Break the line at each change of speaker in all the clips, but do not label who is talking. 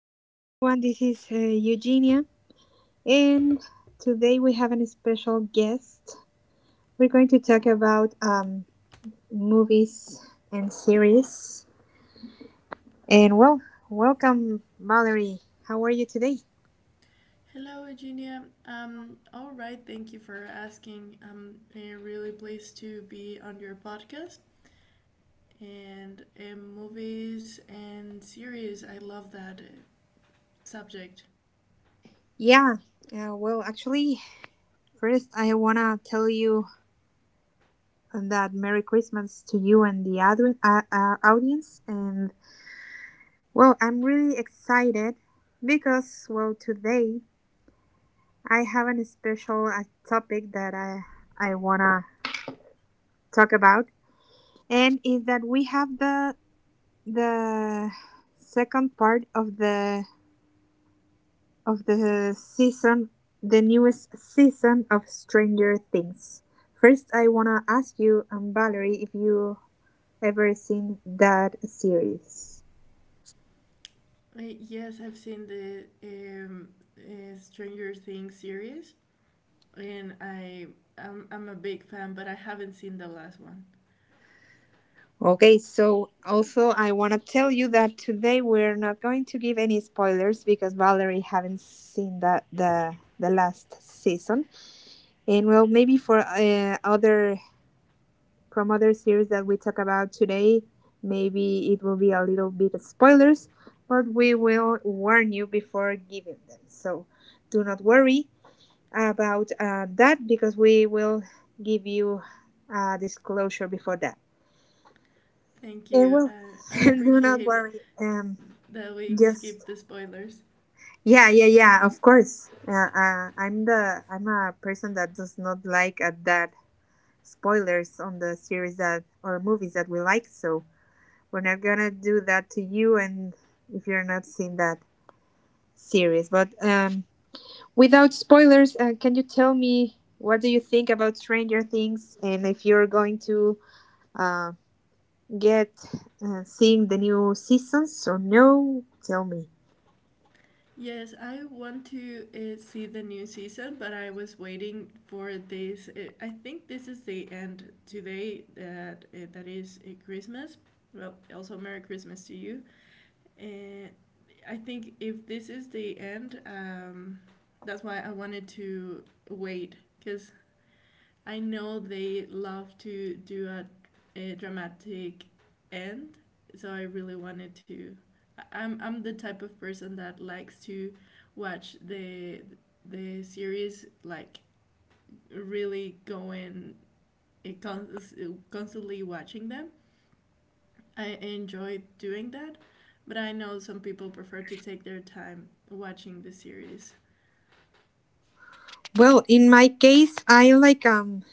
everyone. This is Eugenia, and today we have a special guest. We're going to talk about movies and series. And well, welcome, Valerie. How are you today?
Hello, Eugenia. All right, thank you for asking. I'm really pleased to be on your podcast and movies and series. I love that subject.
Yeah. Well, actually, first I wanna tell you that Merry Christmas to you and the audience. And well, I'm really excited because well today I have a special topic that I wanna talk about, and is that we have the second part of the season, the newest season of Stranger Things. First, I wanna ask you, Valerie, if you ever seen that series.
Yes, I've seen the Stranger Things series, and I'm a big fan, but I haven't seen the last one.
Okay, so also I want to tell you that today we're not going to give any spoilers because Valerie haven't seen the last season, and well maybe for other from other series that we talk about today, maybe it will be a little bit of spoilers, but we will warn you before giving them. So do not worry about that because we will give you a disclosure before that.
Thank
It
you.
will.
I
Do not
appreciate
worry.
that we
Just
skip the spoilers.
yeah, yeah, yeah. Of course. I'm a person that does not like that spoilers on the series that or movies that we like. So we're not gonna do that to you, and if you're not seeing that series, but without spoilers, can you tell me what do you think about Stranger Things, and if you're going to uh get seeing the new seasons or no? Tell me.
Yes, I want to see the new season, but I was waiting for this. I think this is the end today that that is Christmas. Well, also Merry Christmas to you. Uh, I think if this is the end, that's why I wanted to wait because I know they love to do a dramatic end, so I really wanted to. I- am I'm the type of person that likes to watch the series like really going it cons- constantly watching them. I enjoy doing that, but I know some people prefer to take their time watching the series.
Well, in my case, I like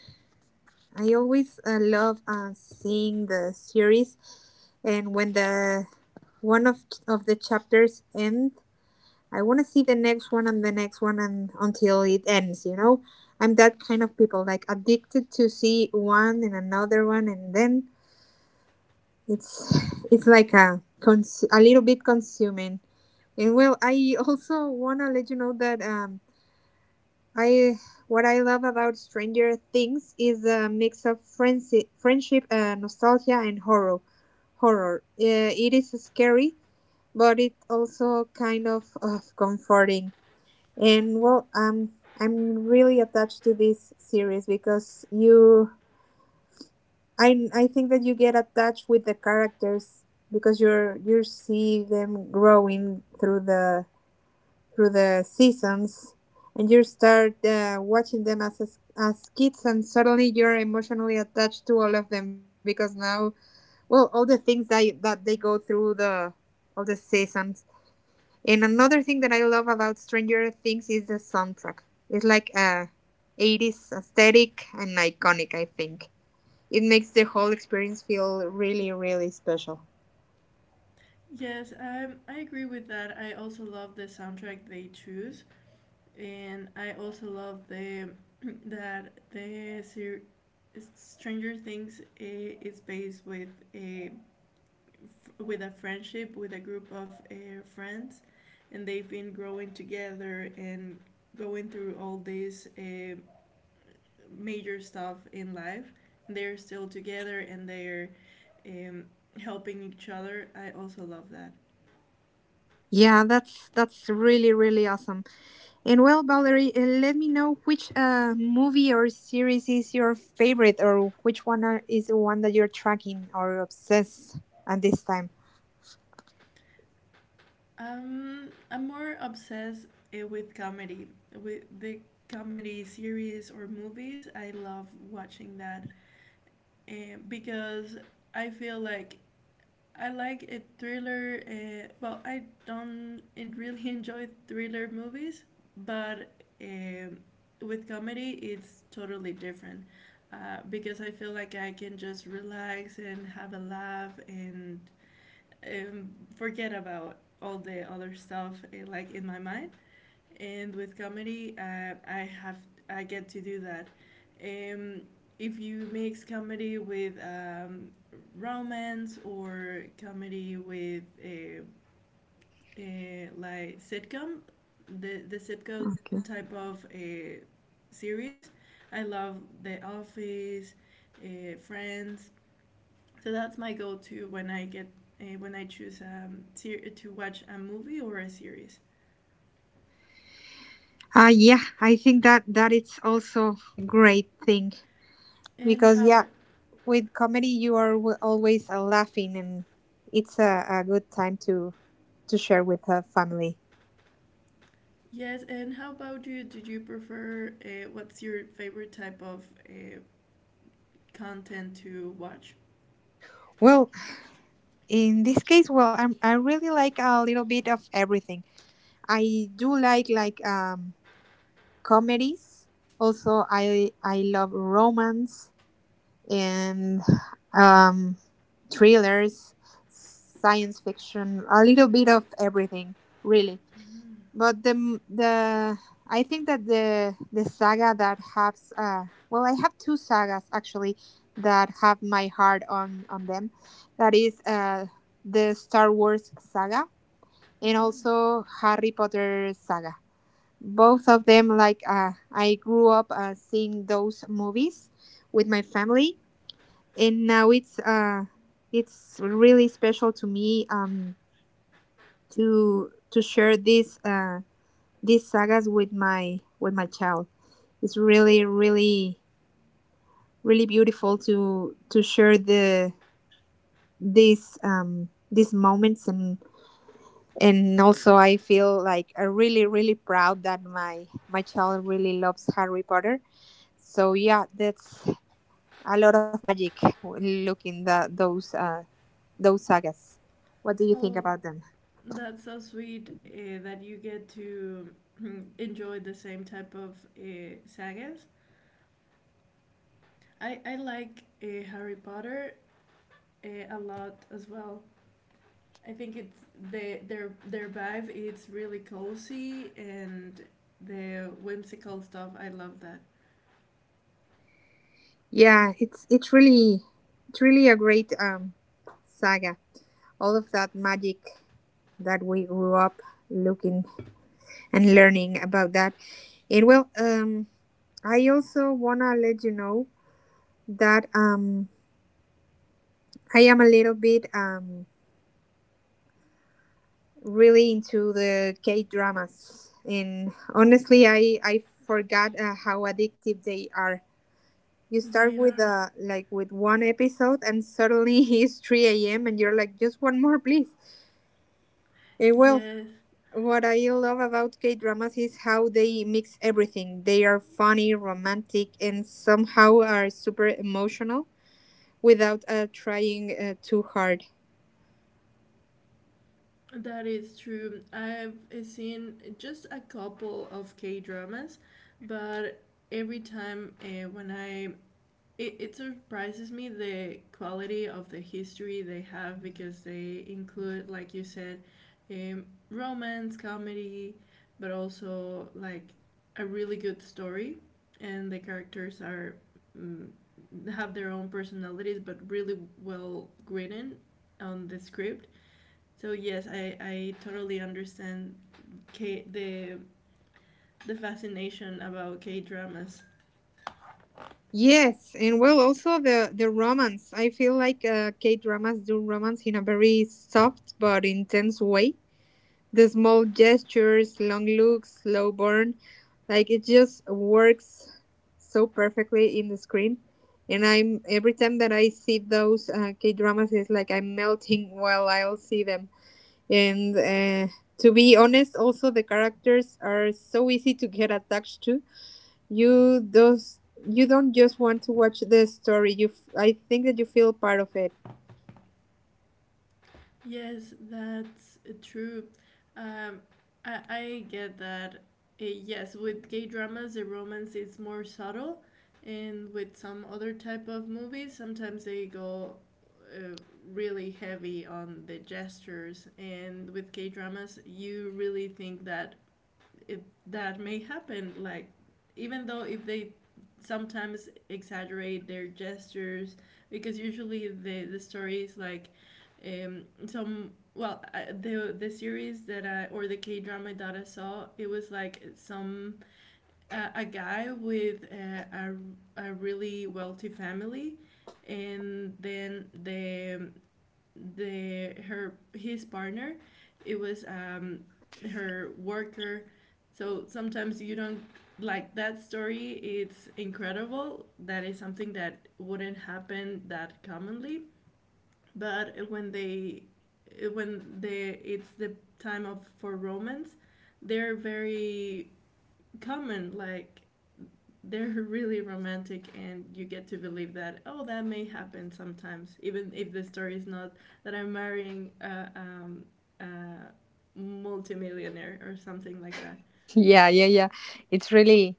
I always love seeing the series, and when the one of the chapters end, I want to see the next one and the next one and until it ends. You know, I'm
Mm-hmm.
that kind of people like addicted to see one and another one, and then it's it's like a cons- a little bit consuming. And well, I also want to let you know that I what I love about Stranger Things is a mix of friendship, friendship nostalgia, and horror. Horror. It is scary, but it also kind of comforting. And well, I'm really attached to this series because you, I think that you get attached with the characters because you're you see them growing through the seasons and you start watching them as kids and suddenly you're emotionally attached to all of them because now well all the things that that they go through the all the seasons and another thing that I love about stranger things is the soundtrack it's like a 80s aesthetic and iconic I think it makes the whole experience feel really really special
Yes, I agree with that. I also love the soundtrack they choose, and I also love the that the ser- Stranger Things is based with a with a friendship with a group of friends, and they've been growing together and going through all this major stuff in life. And they're still together and they're um, helping each other. I also love that.
yeah that's really really awesome And well, Valerie, let me know which movie or series is your favorite, or which one are, is the one that you're tracking or obsessed at this time.
I'm more obsessed with comedy, with the comedy series or movies. I love watching that uh, because I feel like I like a thriller. Well, I don't en- really enjoy thriller movies, but um with comedy, it's totally different. Because I feel like I can just relax and have a laugh and um, forget about all the other stuff like in my mind. And with comedy, I get to do that. Um, if you mix comedy with romance or comedy with a like sitcom, the sitcom
Okay.
type of a series, I love The Office, Friends, so that's my go-to when I get when I choose to watch a movie or a series.
Yeah, I think that that it's also great thing
And
because yeah,
how?
with comedy you are w- always laughing, and it's a good time to share with a family.
Yes. And how about you? Do you prefer? What's your favorite type of content to watch?
Well, in this case, well, I really like a little bit of everything. I do like comedies. Also, I love romance and um, thrillers, science fiction, a little bit of everything, really.
Mm.
But the m- the I think that the saga that has well, I have two sagas actually that have my heart on them. That is the Star Wars saga and
Mm.
also Harry Potter saga. Both of them, like, I grew up seeing those movies with my family, and now it's really special to me, to share this, these sagas with my child. It's really really really beautiful to share these, these moments. And also I feel like I really really proud that my child really loves Harry Potter. So yeah, that's a lot of magic looking the those sagas. What do you think
Oh,
about them?
that's so sweet that you get to enjoy the same type of sagas. I like Harry Potter a lot as well. I think it's their vibe. It's really cozy and the whimsical stuff. I love that.
Yeah, it's really a great saga. All of that magic that we grew up looking and learning about that. It will I also wanna let you know that I am a little bit really into the K dramas, and honestly, I forgot how addictive they are. You
They
start with
are.
like with one episode, and suddenly it's three a.m. and you're like, just one more, please. And well,
Yes,
what I love about K dramas is how they mix everything. They are funny, romantic, and somehow are super emotional without trying too hard.
that is true. I've seen just a couple of K dramas, but every time when I It, it surprises me the quality of the history they have because they include, like you said, um, romance, comedy, but also like a really good story, and the characters are mm, have their own personalities, but really well written on the script. So yes, I totally understand K- the the fascination about K dramas.
Yes, and well, also the romance. I feel like K dramas do romance in a very soft but intense way. The small gestures, long looks, slow burn, like it just works so perfectly in the screen. And I'm every time that I see those K dramas, it's like I'm melting while I'll see them. And to be honest, also the characters are so easy to get attached to you those you don't just want to watch the story. I think that you feel part of it.
Yes, that's true. Um, I get that. Yes, with gay dramas, the romance is more subtle, and with some other type of movies, sometimes they go uh, really heavy on the gestures. And with gay dramas, you really think that that may happen. Like, even though if they sometimes exaggerate their gestures, because usually the story is like some well I, the series that I or the K drama that I saw it was like some a guy with a really wealthy family and then the her his partner it was her worker. So sometimes you don't like that story. It's incredible that is something that wouldn't happen that commonly, but when they it's the time of for romance, they're very common. Like, they're really romantic and you get to believe that oh, that may happen sometimes even if the story is not that I'm marrying a multimillionaire or something like that.
Yeah, yeah, yeah. It's really,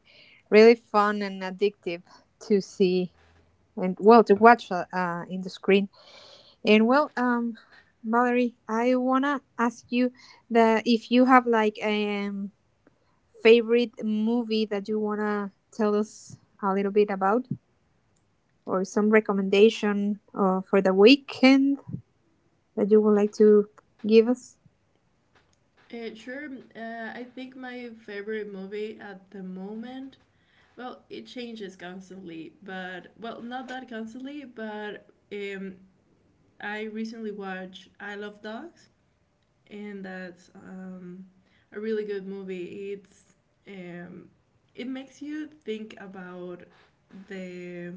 really fun and addictive to see and well to watch, in the screen. And well, Valerie, I wanna ask you that if you have like a, favorite movie that you wanna tell us a little bit about, or some recommendation for the weekend that you would like to give us.
Sure. I think my favorite movie at the moment, well it changes constantly, but well not that constantly, but um, I recently watched I Love Dogs, and that's a really good movie. It's um, it makes you think about the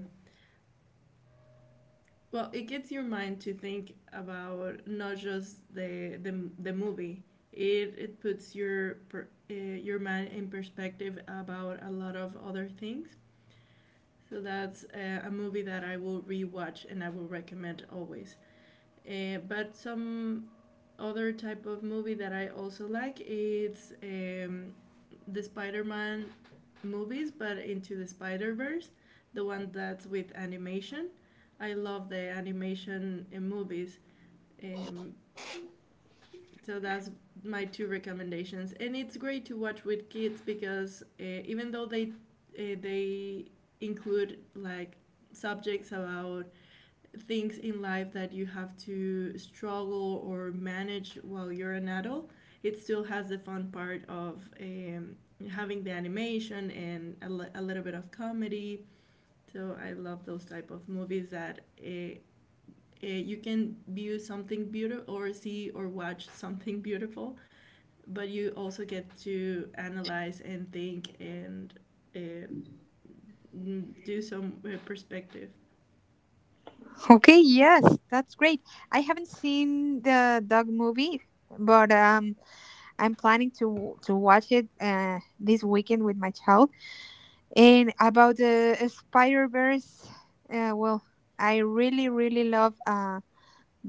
well, it gets your mind to think about not just the movie. It puts your mind in perspective about a lot of other things. So that's a movie that I will rewatch and I will recommend always. But some other type of movie that I also like it's the Spider-Man movies, but Into the Spider-Verse, the one that's with animation. I love the animation in movies. Um, so that's my two recommendations, and it's great to watch with kids because even though they include like subjects about things in life that you have to struggle or manage while you're an adult. It still has the fun part of having the animation and a little bit of comedy. So I love those type of movies that you can view something beautiful or see or watch something beautiful, but you also get to analyze and think and uh, do some perspective.
Okay, yes, that's great. I haven't seen the dog movie, but I'm planning to watch it this weekend with my child. And about the Spider Verse, well, I really really love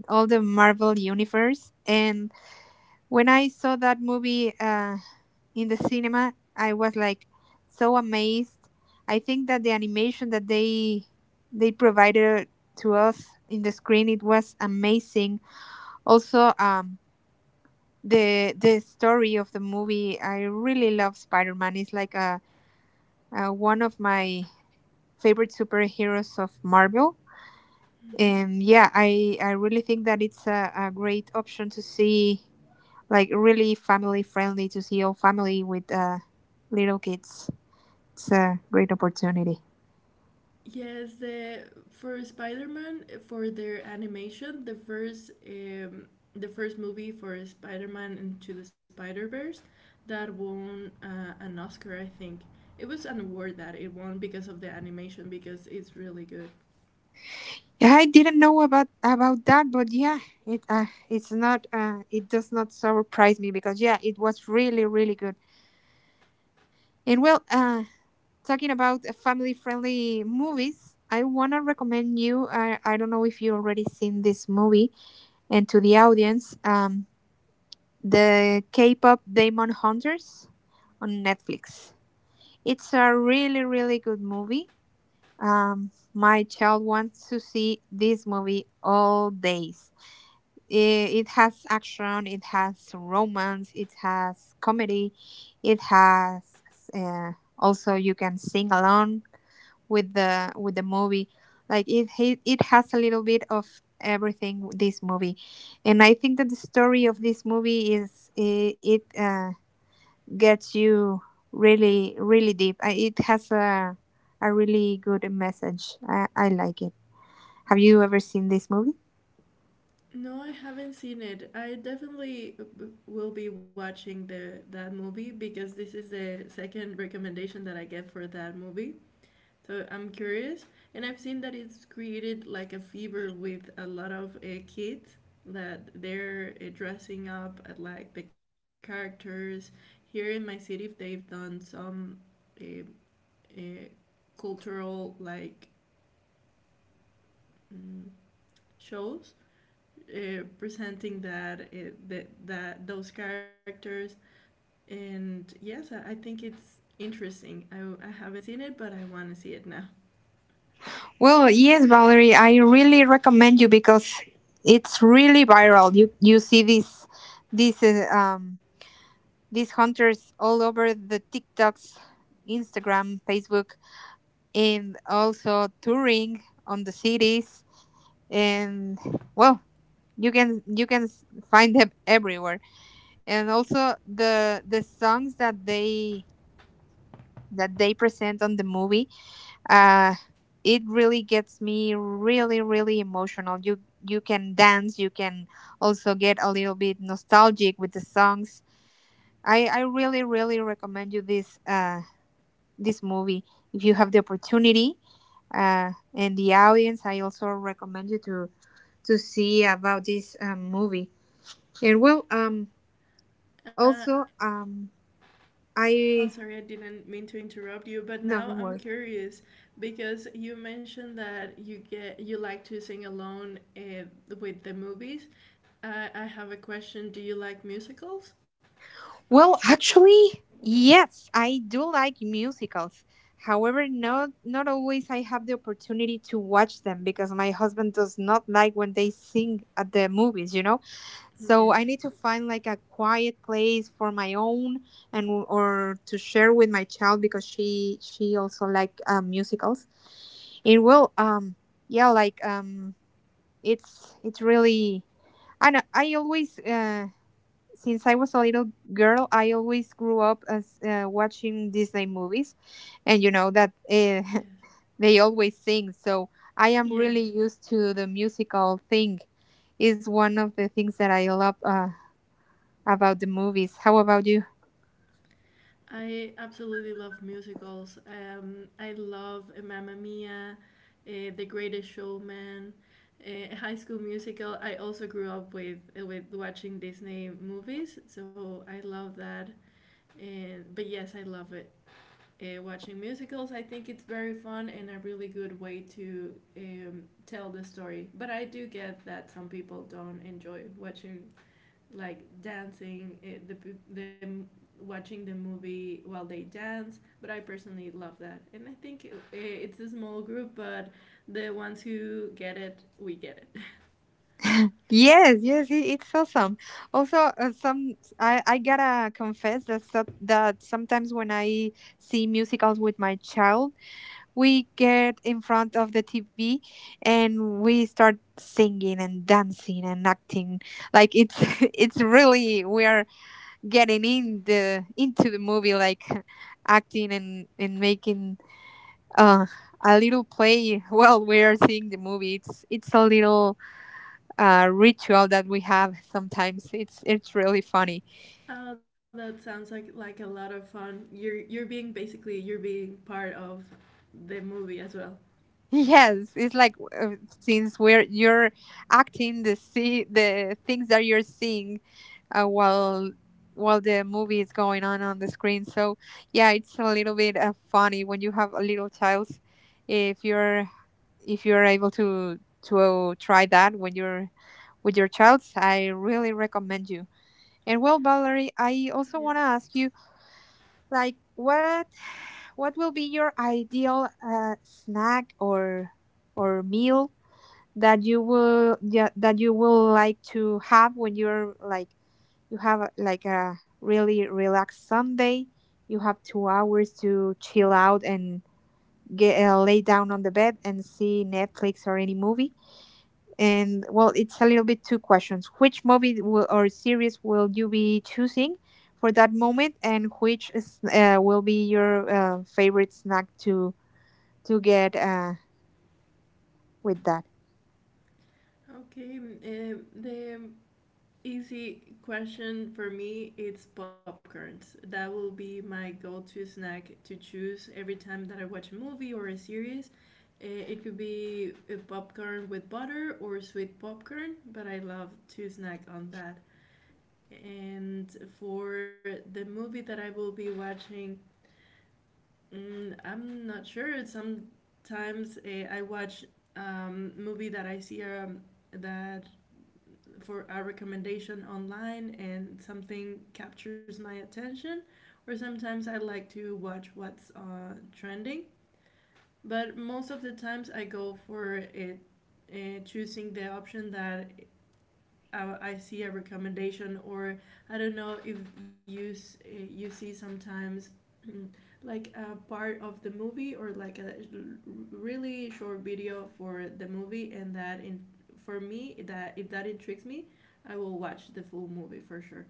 all the Marvel universe, and when I saw that movie in the cinema, I was like so amazed. I think that the animation that they provided to us in the screen it was amazing. Also, the story of the movie, I really love Spider Man. It's like a one of my favorite superheroes of Marvel.
Mm-hmm.
And yeah, I really think that it's a great option to see, like really family friendly, to see all family with little kids. It's a great opportunity.
Yes, the for Spider-Man for their animation, the first movie for Spider-Man Into the Spider-Verse that won an Oscar, I think. It was an award that it won because of the animation because it's really good.
Yeah, I didn't know about that, but yeah, it does not surprise me because yeah, it was really really good. And well, talking about family friendly movies, I wanna recommend you. I don't know if you already seen this movie, and to the audience, the K-pop Demon Hunters on Netflix. It's a really, really good movie. My child wants to see this movie all days. It has action, it has romance, it has comedy, it has, also you can sing along with the movie. Like it has a little bit of everything. This movie, and I think that the story of
Mhm.
this movie it, gets you really really deep. It has a really good message. I like it. Have you ever seen this movie?
No, I haven't seen it. I definitely will be watching the that movie because this is the second recommendation that I get for that movie. So I'm curious, and I've seen that it's created like a fever with a lot of kids that they're dressing up at like the characters. Here in my city, they've done some uh, uh, cultural like mm, shows presenting that those characters. And yes, I think it's interesting. I haven't seen it, but I want to see it now.
Well, yes, Valerie, I really recommend you because it's really viral. You see these uh, um these hunters all over the TikToks, Instagram, Facebook, and also touring on the cities. And well, you can find them everywhere. And also the songs that they present on the movie, uh it really gets me really really emotional. You can dance, you can also get a little bit nostalgic with the songs. I really really recommend you this, this movie, if you have the opportunity. And the audience, I also recommend you to see about this, movie. And well
Uh,
also
Oh,
I
sorry, I didn't mean to interrupt you, but
No,
now
don't
I'm
worry.
curious because you mentioned that you like to sing alone with the movies. I have a question. Do you like musicals?
Well, actually, yes, I do like musicals. However, not always I have the opportunity to watch them because my husband does not like when they sing at the movies, you know?
Yes,
So I need to find like a quiet place for my own and or to share with my child because she also like musicals. And well, yeah, like, it's really, I know I always, since I was a little girl, I always grew up as watching Disney movies, and you know that,
yes,
they always sing. So I am really
yes.
used to the musical thing. Is one of the things that I love about the movies. How about you?
I absolutely love musicals. I love Mamma Mia, The Greatest Showman, High School Musical. I also grew up with watching Disney movies, so I love that. And but yes, I love it. Watching musicals, I think it's very fun and a really good way to tell the story. But I do get that some people don't enjoy watching like dancing, watching the movie while they dance. But I personally love that, and I think it's a small group, but the ones who get it, we get it.
Yes, yes, it, it's awesome. Also, some I gotta confess that that sometimes when I see musicals with my child, we get in front of the TV and we start singing and dancing and acting like it's it's really we're getting in the into the movie like acting and making uh a little play while we're seeing the movie. It's a little ritual that we have sometimes. It's really funny.
Oh, that sounds like a lot of fun. You're being basically you're being part of the movie as well.
Yes, it's like since where you're acting the, see the things that you're seeing uh, while while the movie is going on the screen. So yeah, it's a little bit funny when you have a little child. If you're if you're able to try that when you're with your child, I really recommend you. And well, Valerie, I
Yes.
also want to ask you like what what will be your ideal snack or meal that you that you will like to have when you're like you have like a really relaxed Sunday. You have 2 hours to chill out and get lay down on the bed and see Netflix or any movie. And well, it's a little bit two questions. Which movie will, or series will you be choosing for that moment, and which will be your favorite snack to get with that?
Okay. The easy question for me it's popcorns. That will be my go-to snack to choose every time that I watch a movie or a series. It could be a popcorn with butter or sweet popcorn, but I love to snack on that. And for the movie that I will be watching, I'm not sure. Sometimes I watch movie that I see that for a recommendation online and something captures my attention, or sometimes I like to watch what's trending. But most of the times I go for it, choosing the option that I see a recommendation, or I don't know if you you see sometimes mm, like a part of the movie or like a really short video for the movie, and that in for me that if that intrigues me, I will watch the full movie for sure.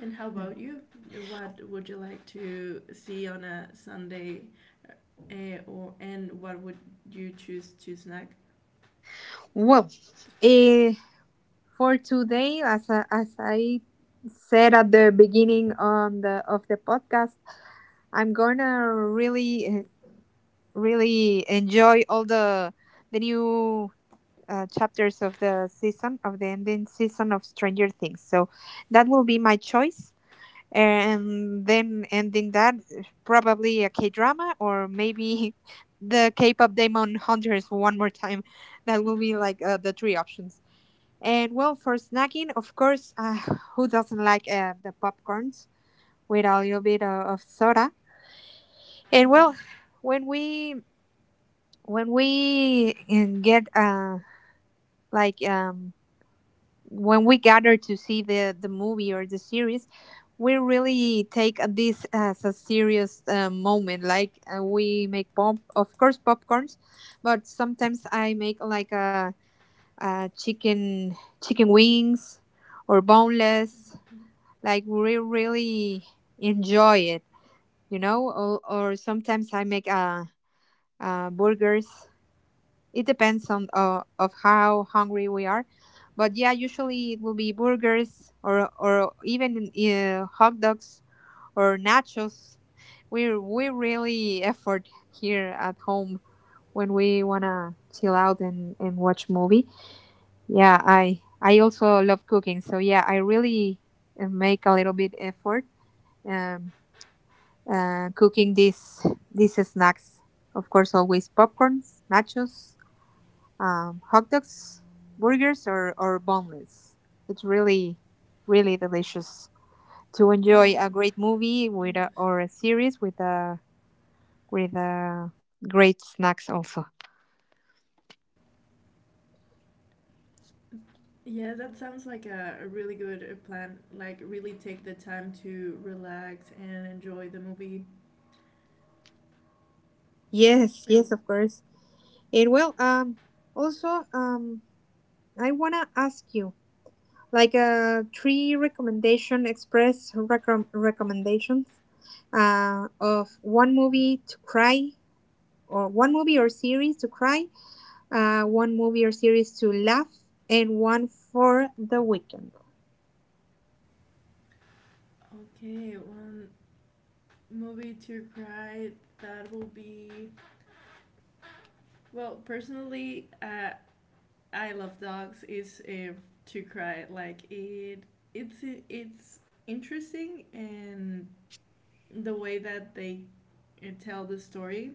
And how about you? What would you like to see on a Sunday, or and what would you choose to snack?
Well, uh, for today, as I said at the beginning on the of the podcast, I'm gonna really enjoy all the new chapters of the season, of the ending season of Stranger Things. So that will be my choice. And then ending that, probably a K drama or maybe the K pop Demon Hunters one more time. That will
Yes.
be like the three options. And well, for snacking, of course, who doesn't like the popcorns with a little bit of soda? And well, when we when we eh, get like when we gather to see the movie or the series, we really take this as a serious moment. We make pop, of course popcorns, but sometimes I make a chicken wings or boneless,
Mm-hmm.
like we really enjoy it, you know? Or sometimes I make burgers. It depends on of how hungry we are, but yeah, usually it will be burgers or even hot dogs or nachos. We really effort here at home when we wanna chill out and watch movie. Yeah, I also love cooking, so yeah, I really make a little bit effort, um, cooking these snacks. Of course, always popcorns, nachos, hot dogs, burgers, or boneless. It's really, really delicious to enjoy
Oh
a great movie
yes.
or a series with a great snacks also.
Yeah, that sounds like a really good plan. Like, really take the time to relax and enjoy the movie. Uh,
Yes, yes, of course. And well, also, I wanna ask you like three recommendation express recommendations of one movie to cry, or one movie or series to cry,
Mhm.
one movie or series to laugh, and one for the weekend.
Okay, one movie to cry, that will be, well, personally, I Love Dogs. Is to cry like it. It's interesting and the way that they tell the story,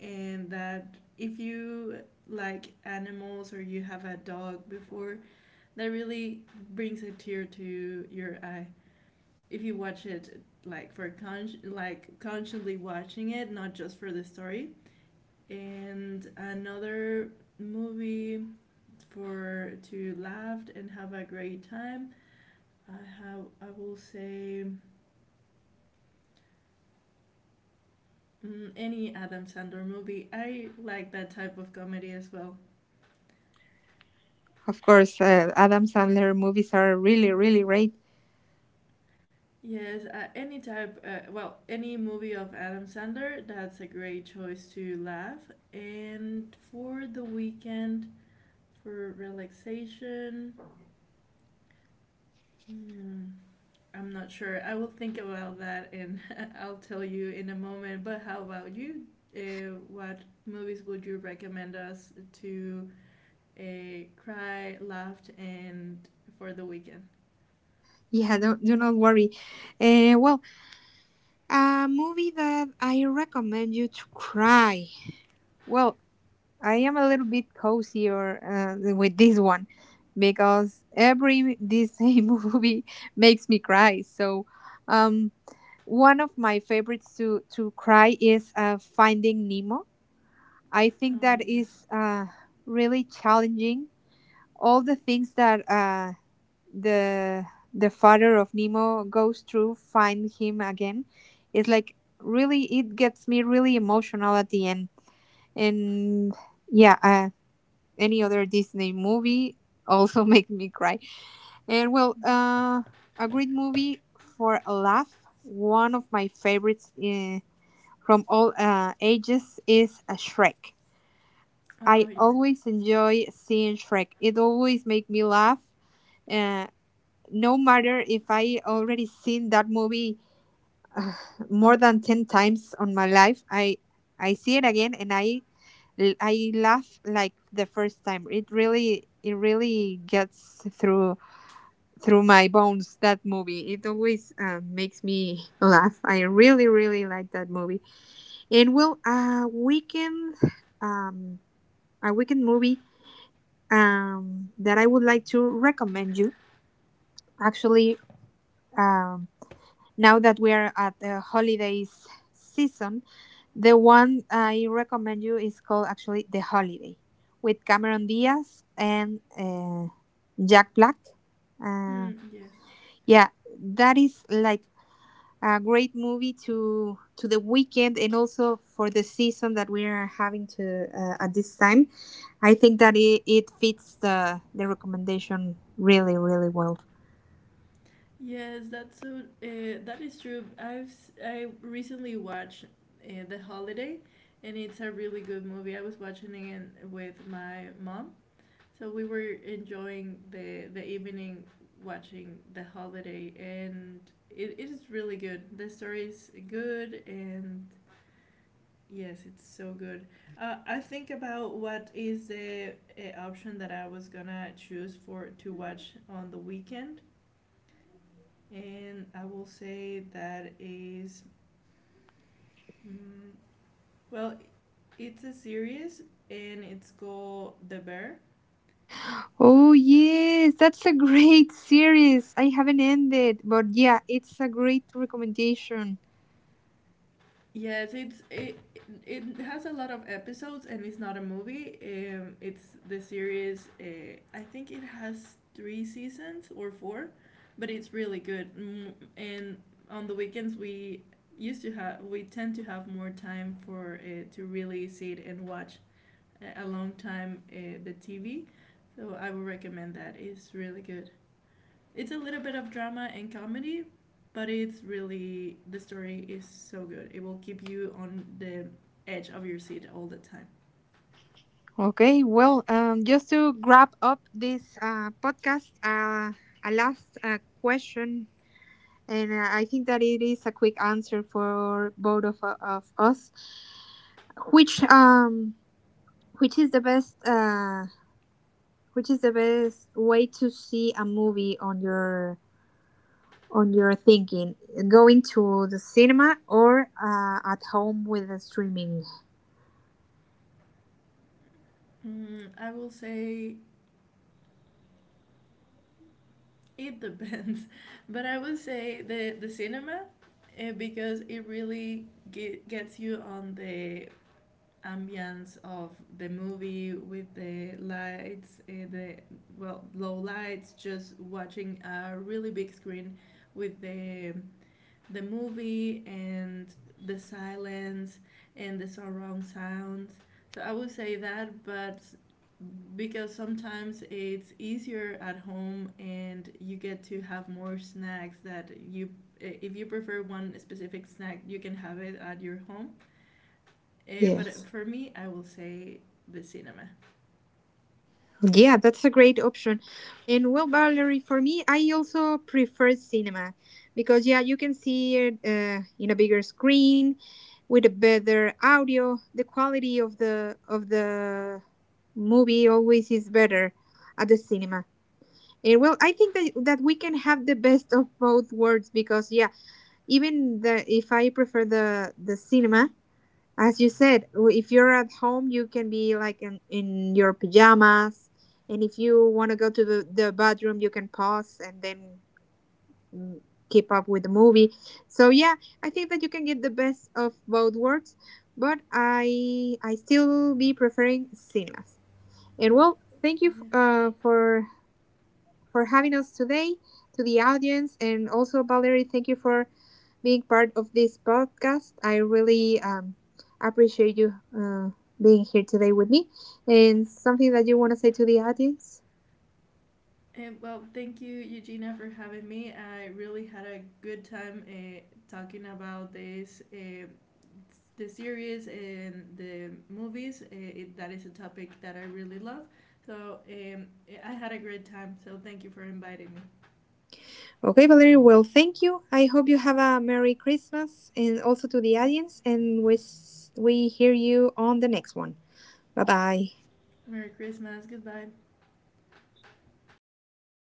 and that if you like animals or you have a dog before, that really brings a tear to your eye. If you watch it like like constantly watching it, not just for the story. And another movie for to laugh and have a great time. I I will say any Adam Sandler movie. I like that type of comedy as well.
Of course, Adam Sandler movies are really, really great.
Yes, well, any movie of Adam Sandler, that's a great choice to laugh. And for the weekend, for relaxation, hmm, I'm not sure. I will think about that and I'll tell you in a moment. But how about you? What movies would you recommend us to cry, laughed, and for the weekend?
Yeah, don't, do not worry. Well, a movie that I recommend you to cry. Well, I am a little bit cozier with this one because every Disney movie makes me cry. So, um, one of my favorites to cry is Finding Nemo. I think
Oh,
that
yes.
is really challenging. All the things that the the father of Nemo goes through, find him again, is like really, it gets me really emotional at the end. And yeah, any other Disney movie also make me cry. And well,
Mhm.
a great movie for a laugh. One of my favorites from all ages is a Shrek.
Oh,
I
yes.
always enjoy seeing Shrek. It always makes me laugh. Uh, no matter if I already seen that movie uh, more than 10 times on my life, I see it again and I laugh like the first time. It really gets through my bones, that movie. It always makes me laugh. I really really like that movie. And well, a weekend, um a weekend movie, that I would like to recommend you. Actually, um, now that we are at the holidays season, the one I recommend you is called actually The Holiday with Cameron Diaz and Jack Black. Uh,
Mm, yes.
yeah, that is like a great movie to the weekend, and also for the season that we are having to at this time. I think that it fits the recommendation really really well.
Yes, that's so. That is true. I recently watched The Holiday, and it's a really good movie. I was watching it with my mom, so we were enjoying the evening watching The Holiday, and it is really good. The story is good, and yes, it's so good. I think about what is the option that I was gonna choose for to watch on the weekend, and I will say that is mm, well, it's a series and it's called The Bear.
Oh, yes, that's a great series. I haven't ended, but yeah, it's a great recommendation.
Yes, it has a lot of episodes and it's not a movie. It's the series. I think it has three seasons or four, but it's really good. Mm, and on the weekends we tend to have more time for to really sit and watch a long time the TV. So I would recommend that. It's really good. It's a little bit of drama and comedy, but it's really the story is so good. It will keep you on the edge of your seat all the time.
Okay, well, just to wrap up this podcast, a last question, and I think that it is a quick answer for both of us. Which um, which is the best uh, which is the best way to see a movie on your thinking, going to the cinema, or at home with the streaming?
Mm, I will say it depends, but I will say the cinema because it really gets you on the ambience of the movie with the lights, the well low lights, just watching a really big screen with the movie and the silence and the surround sounds. So I would say that, but because sometimes it's easier at home and you get to have more snacks that you if you prefer one specific snack you can have it at your home, but
Yes,
for me, I will say the cinema.
yeah, that's a great option. And well, Valerie, for me I also prefer cinema because yeah, you can see it in a bigger screen with a better audio. The quality of the movie always is better at the cinema. And well, I think that we can have the best of both worlds, because yeah, even the if I prefer the cinema, as you said, if you're at home you can be like in your pajamas, and if you want to go to the bathroom you can pause and then mm, keep up with the movie. So yeah, I think that you can get the best of both worlds, but I still be preferring cinemas. And well, thank you
Yes.
for having us today, to the audience, and also Valerie, thank you for being part of this podcast. I really appreciate you being here today with me. And something that you want to say to the audience?
Well, thank you, Eugenia, for having me. I really had a good time talking about this, the series and the movies. That is a topic that I really love. So I had a great time. So thank you for inviting me.
Okay, Valerie, well, thank you. I hope you have a Merry Christmas, and also to the audience, and we, we hear you on the next one. Bye bye.
Merry Christmas. Goodbye.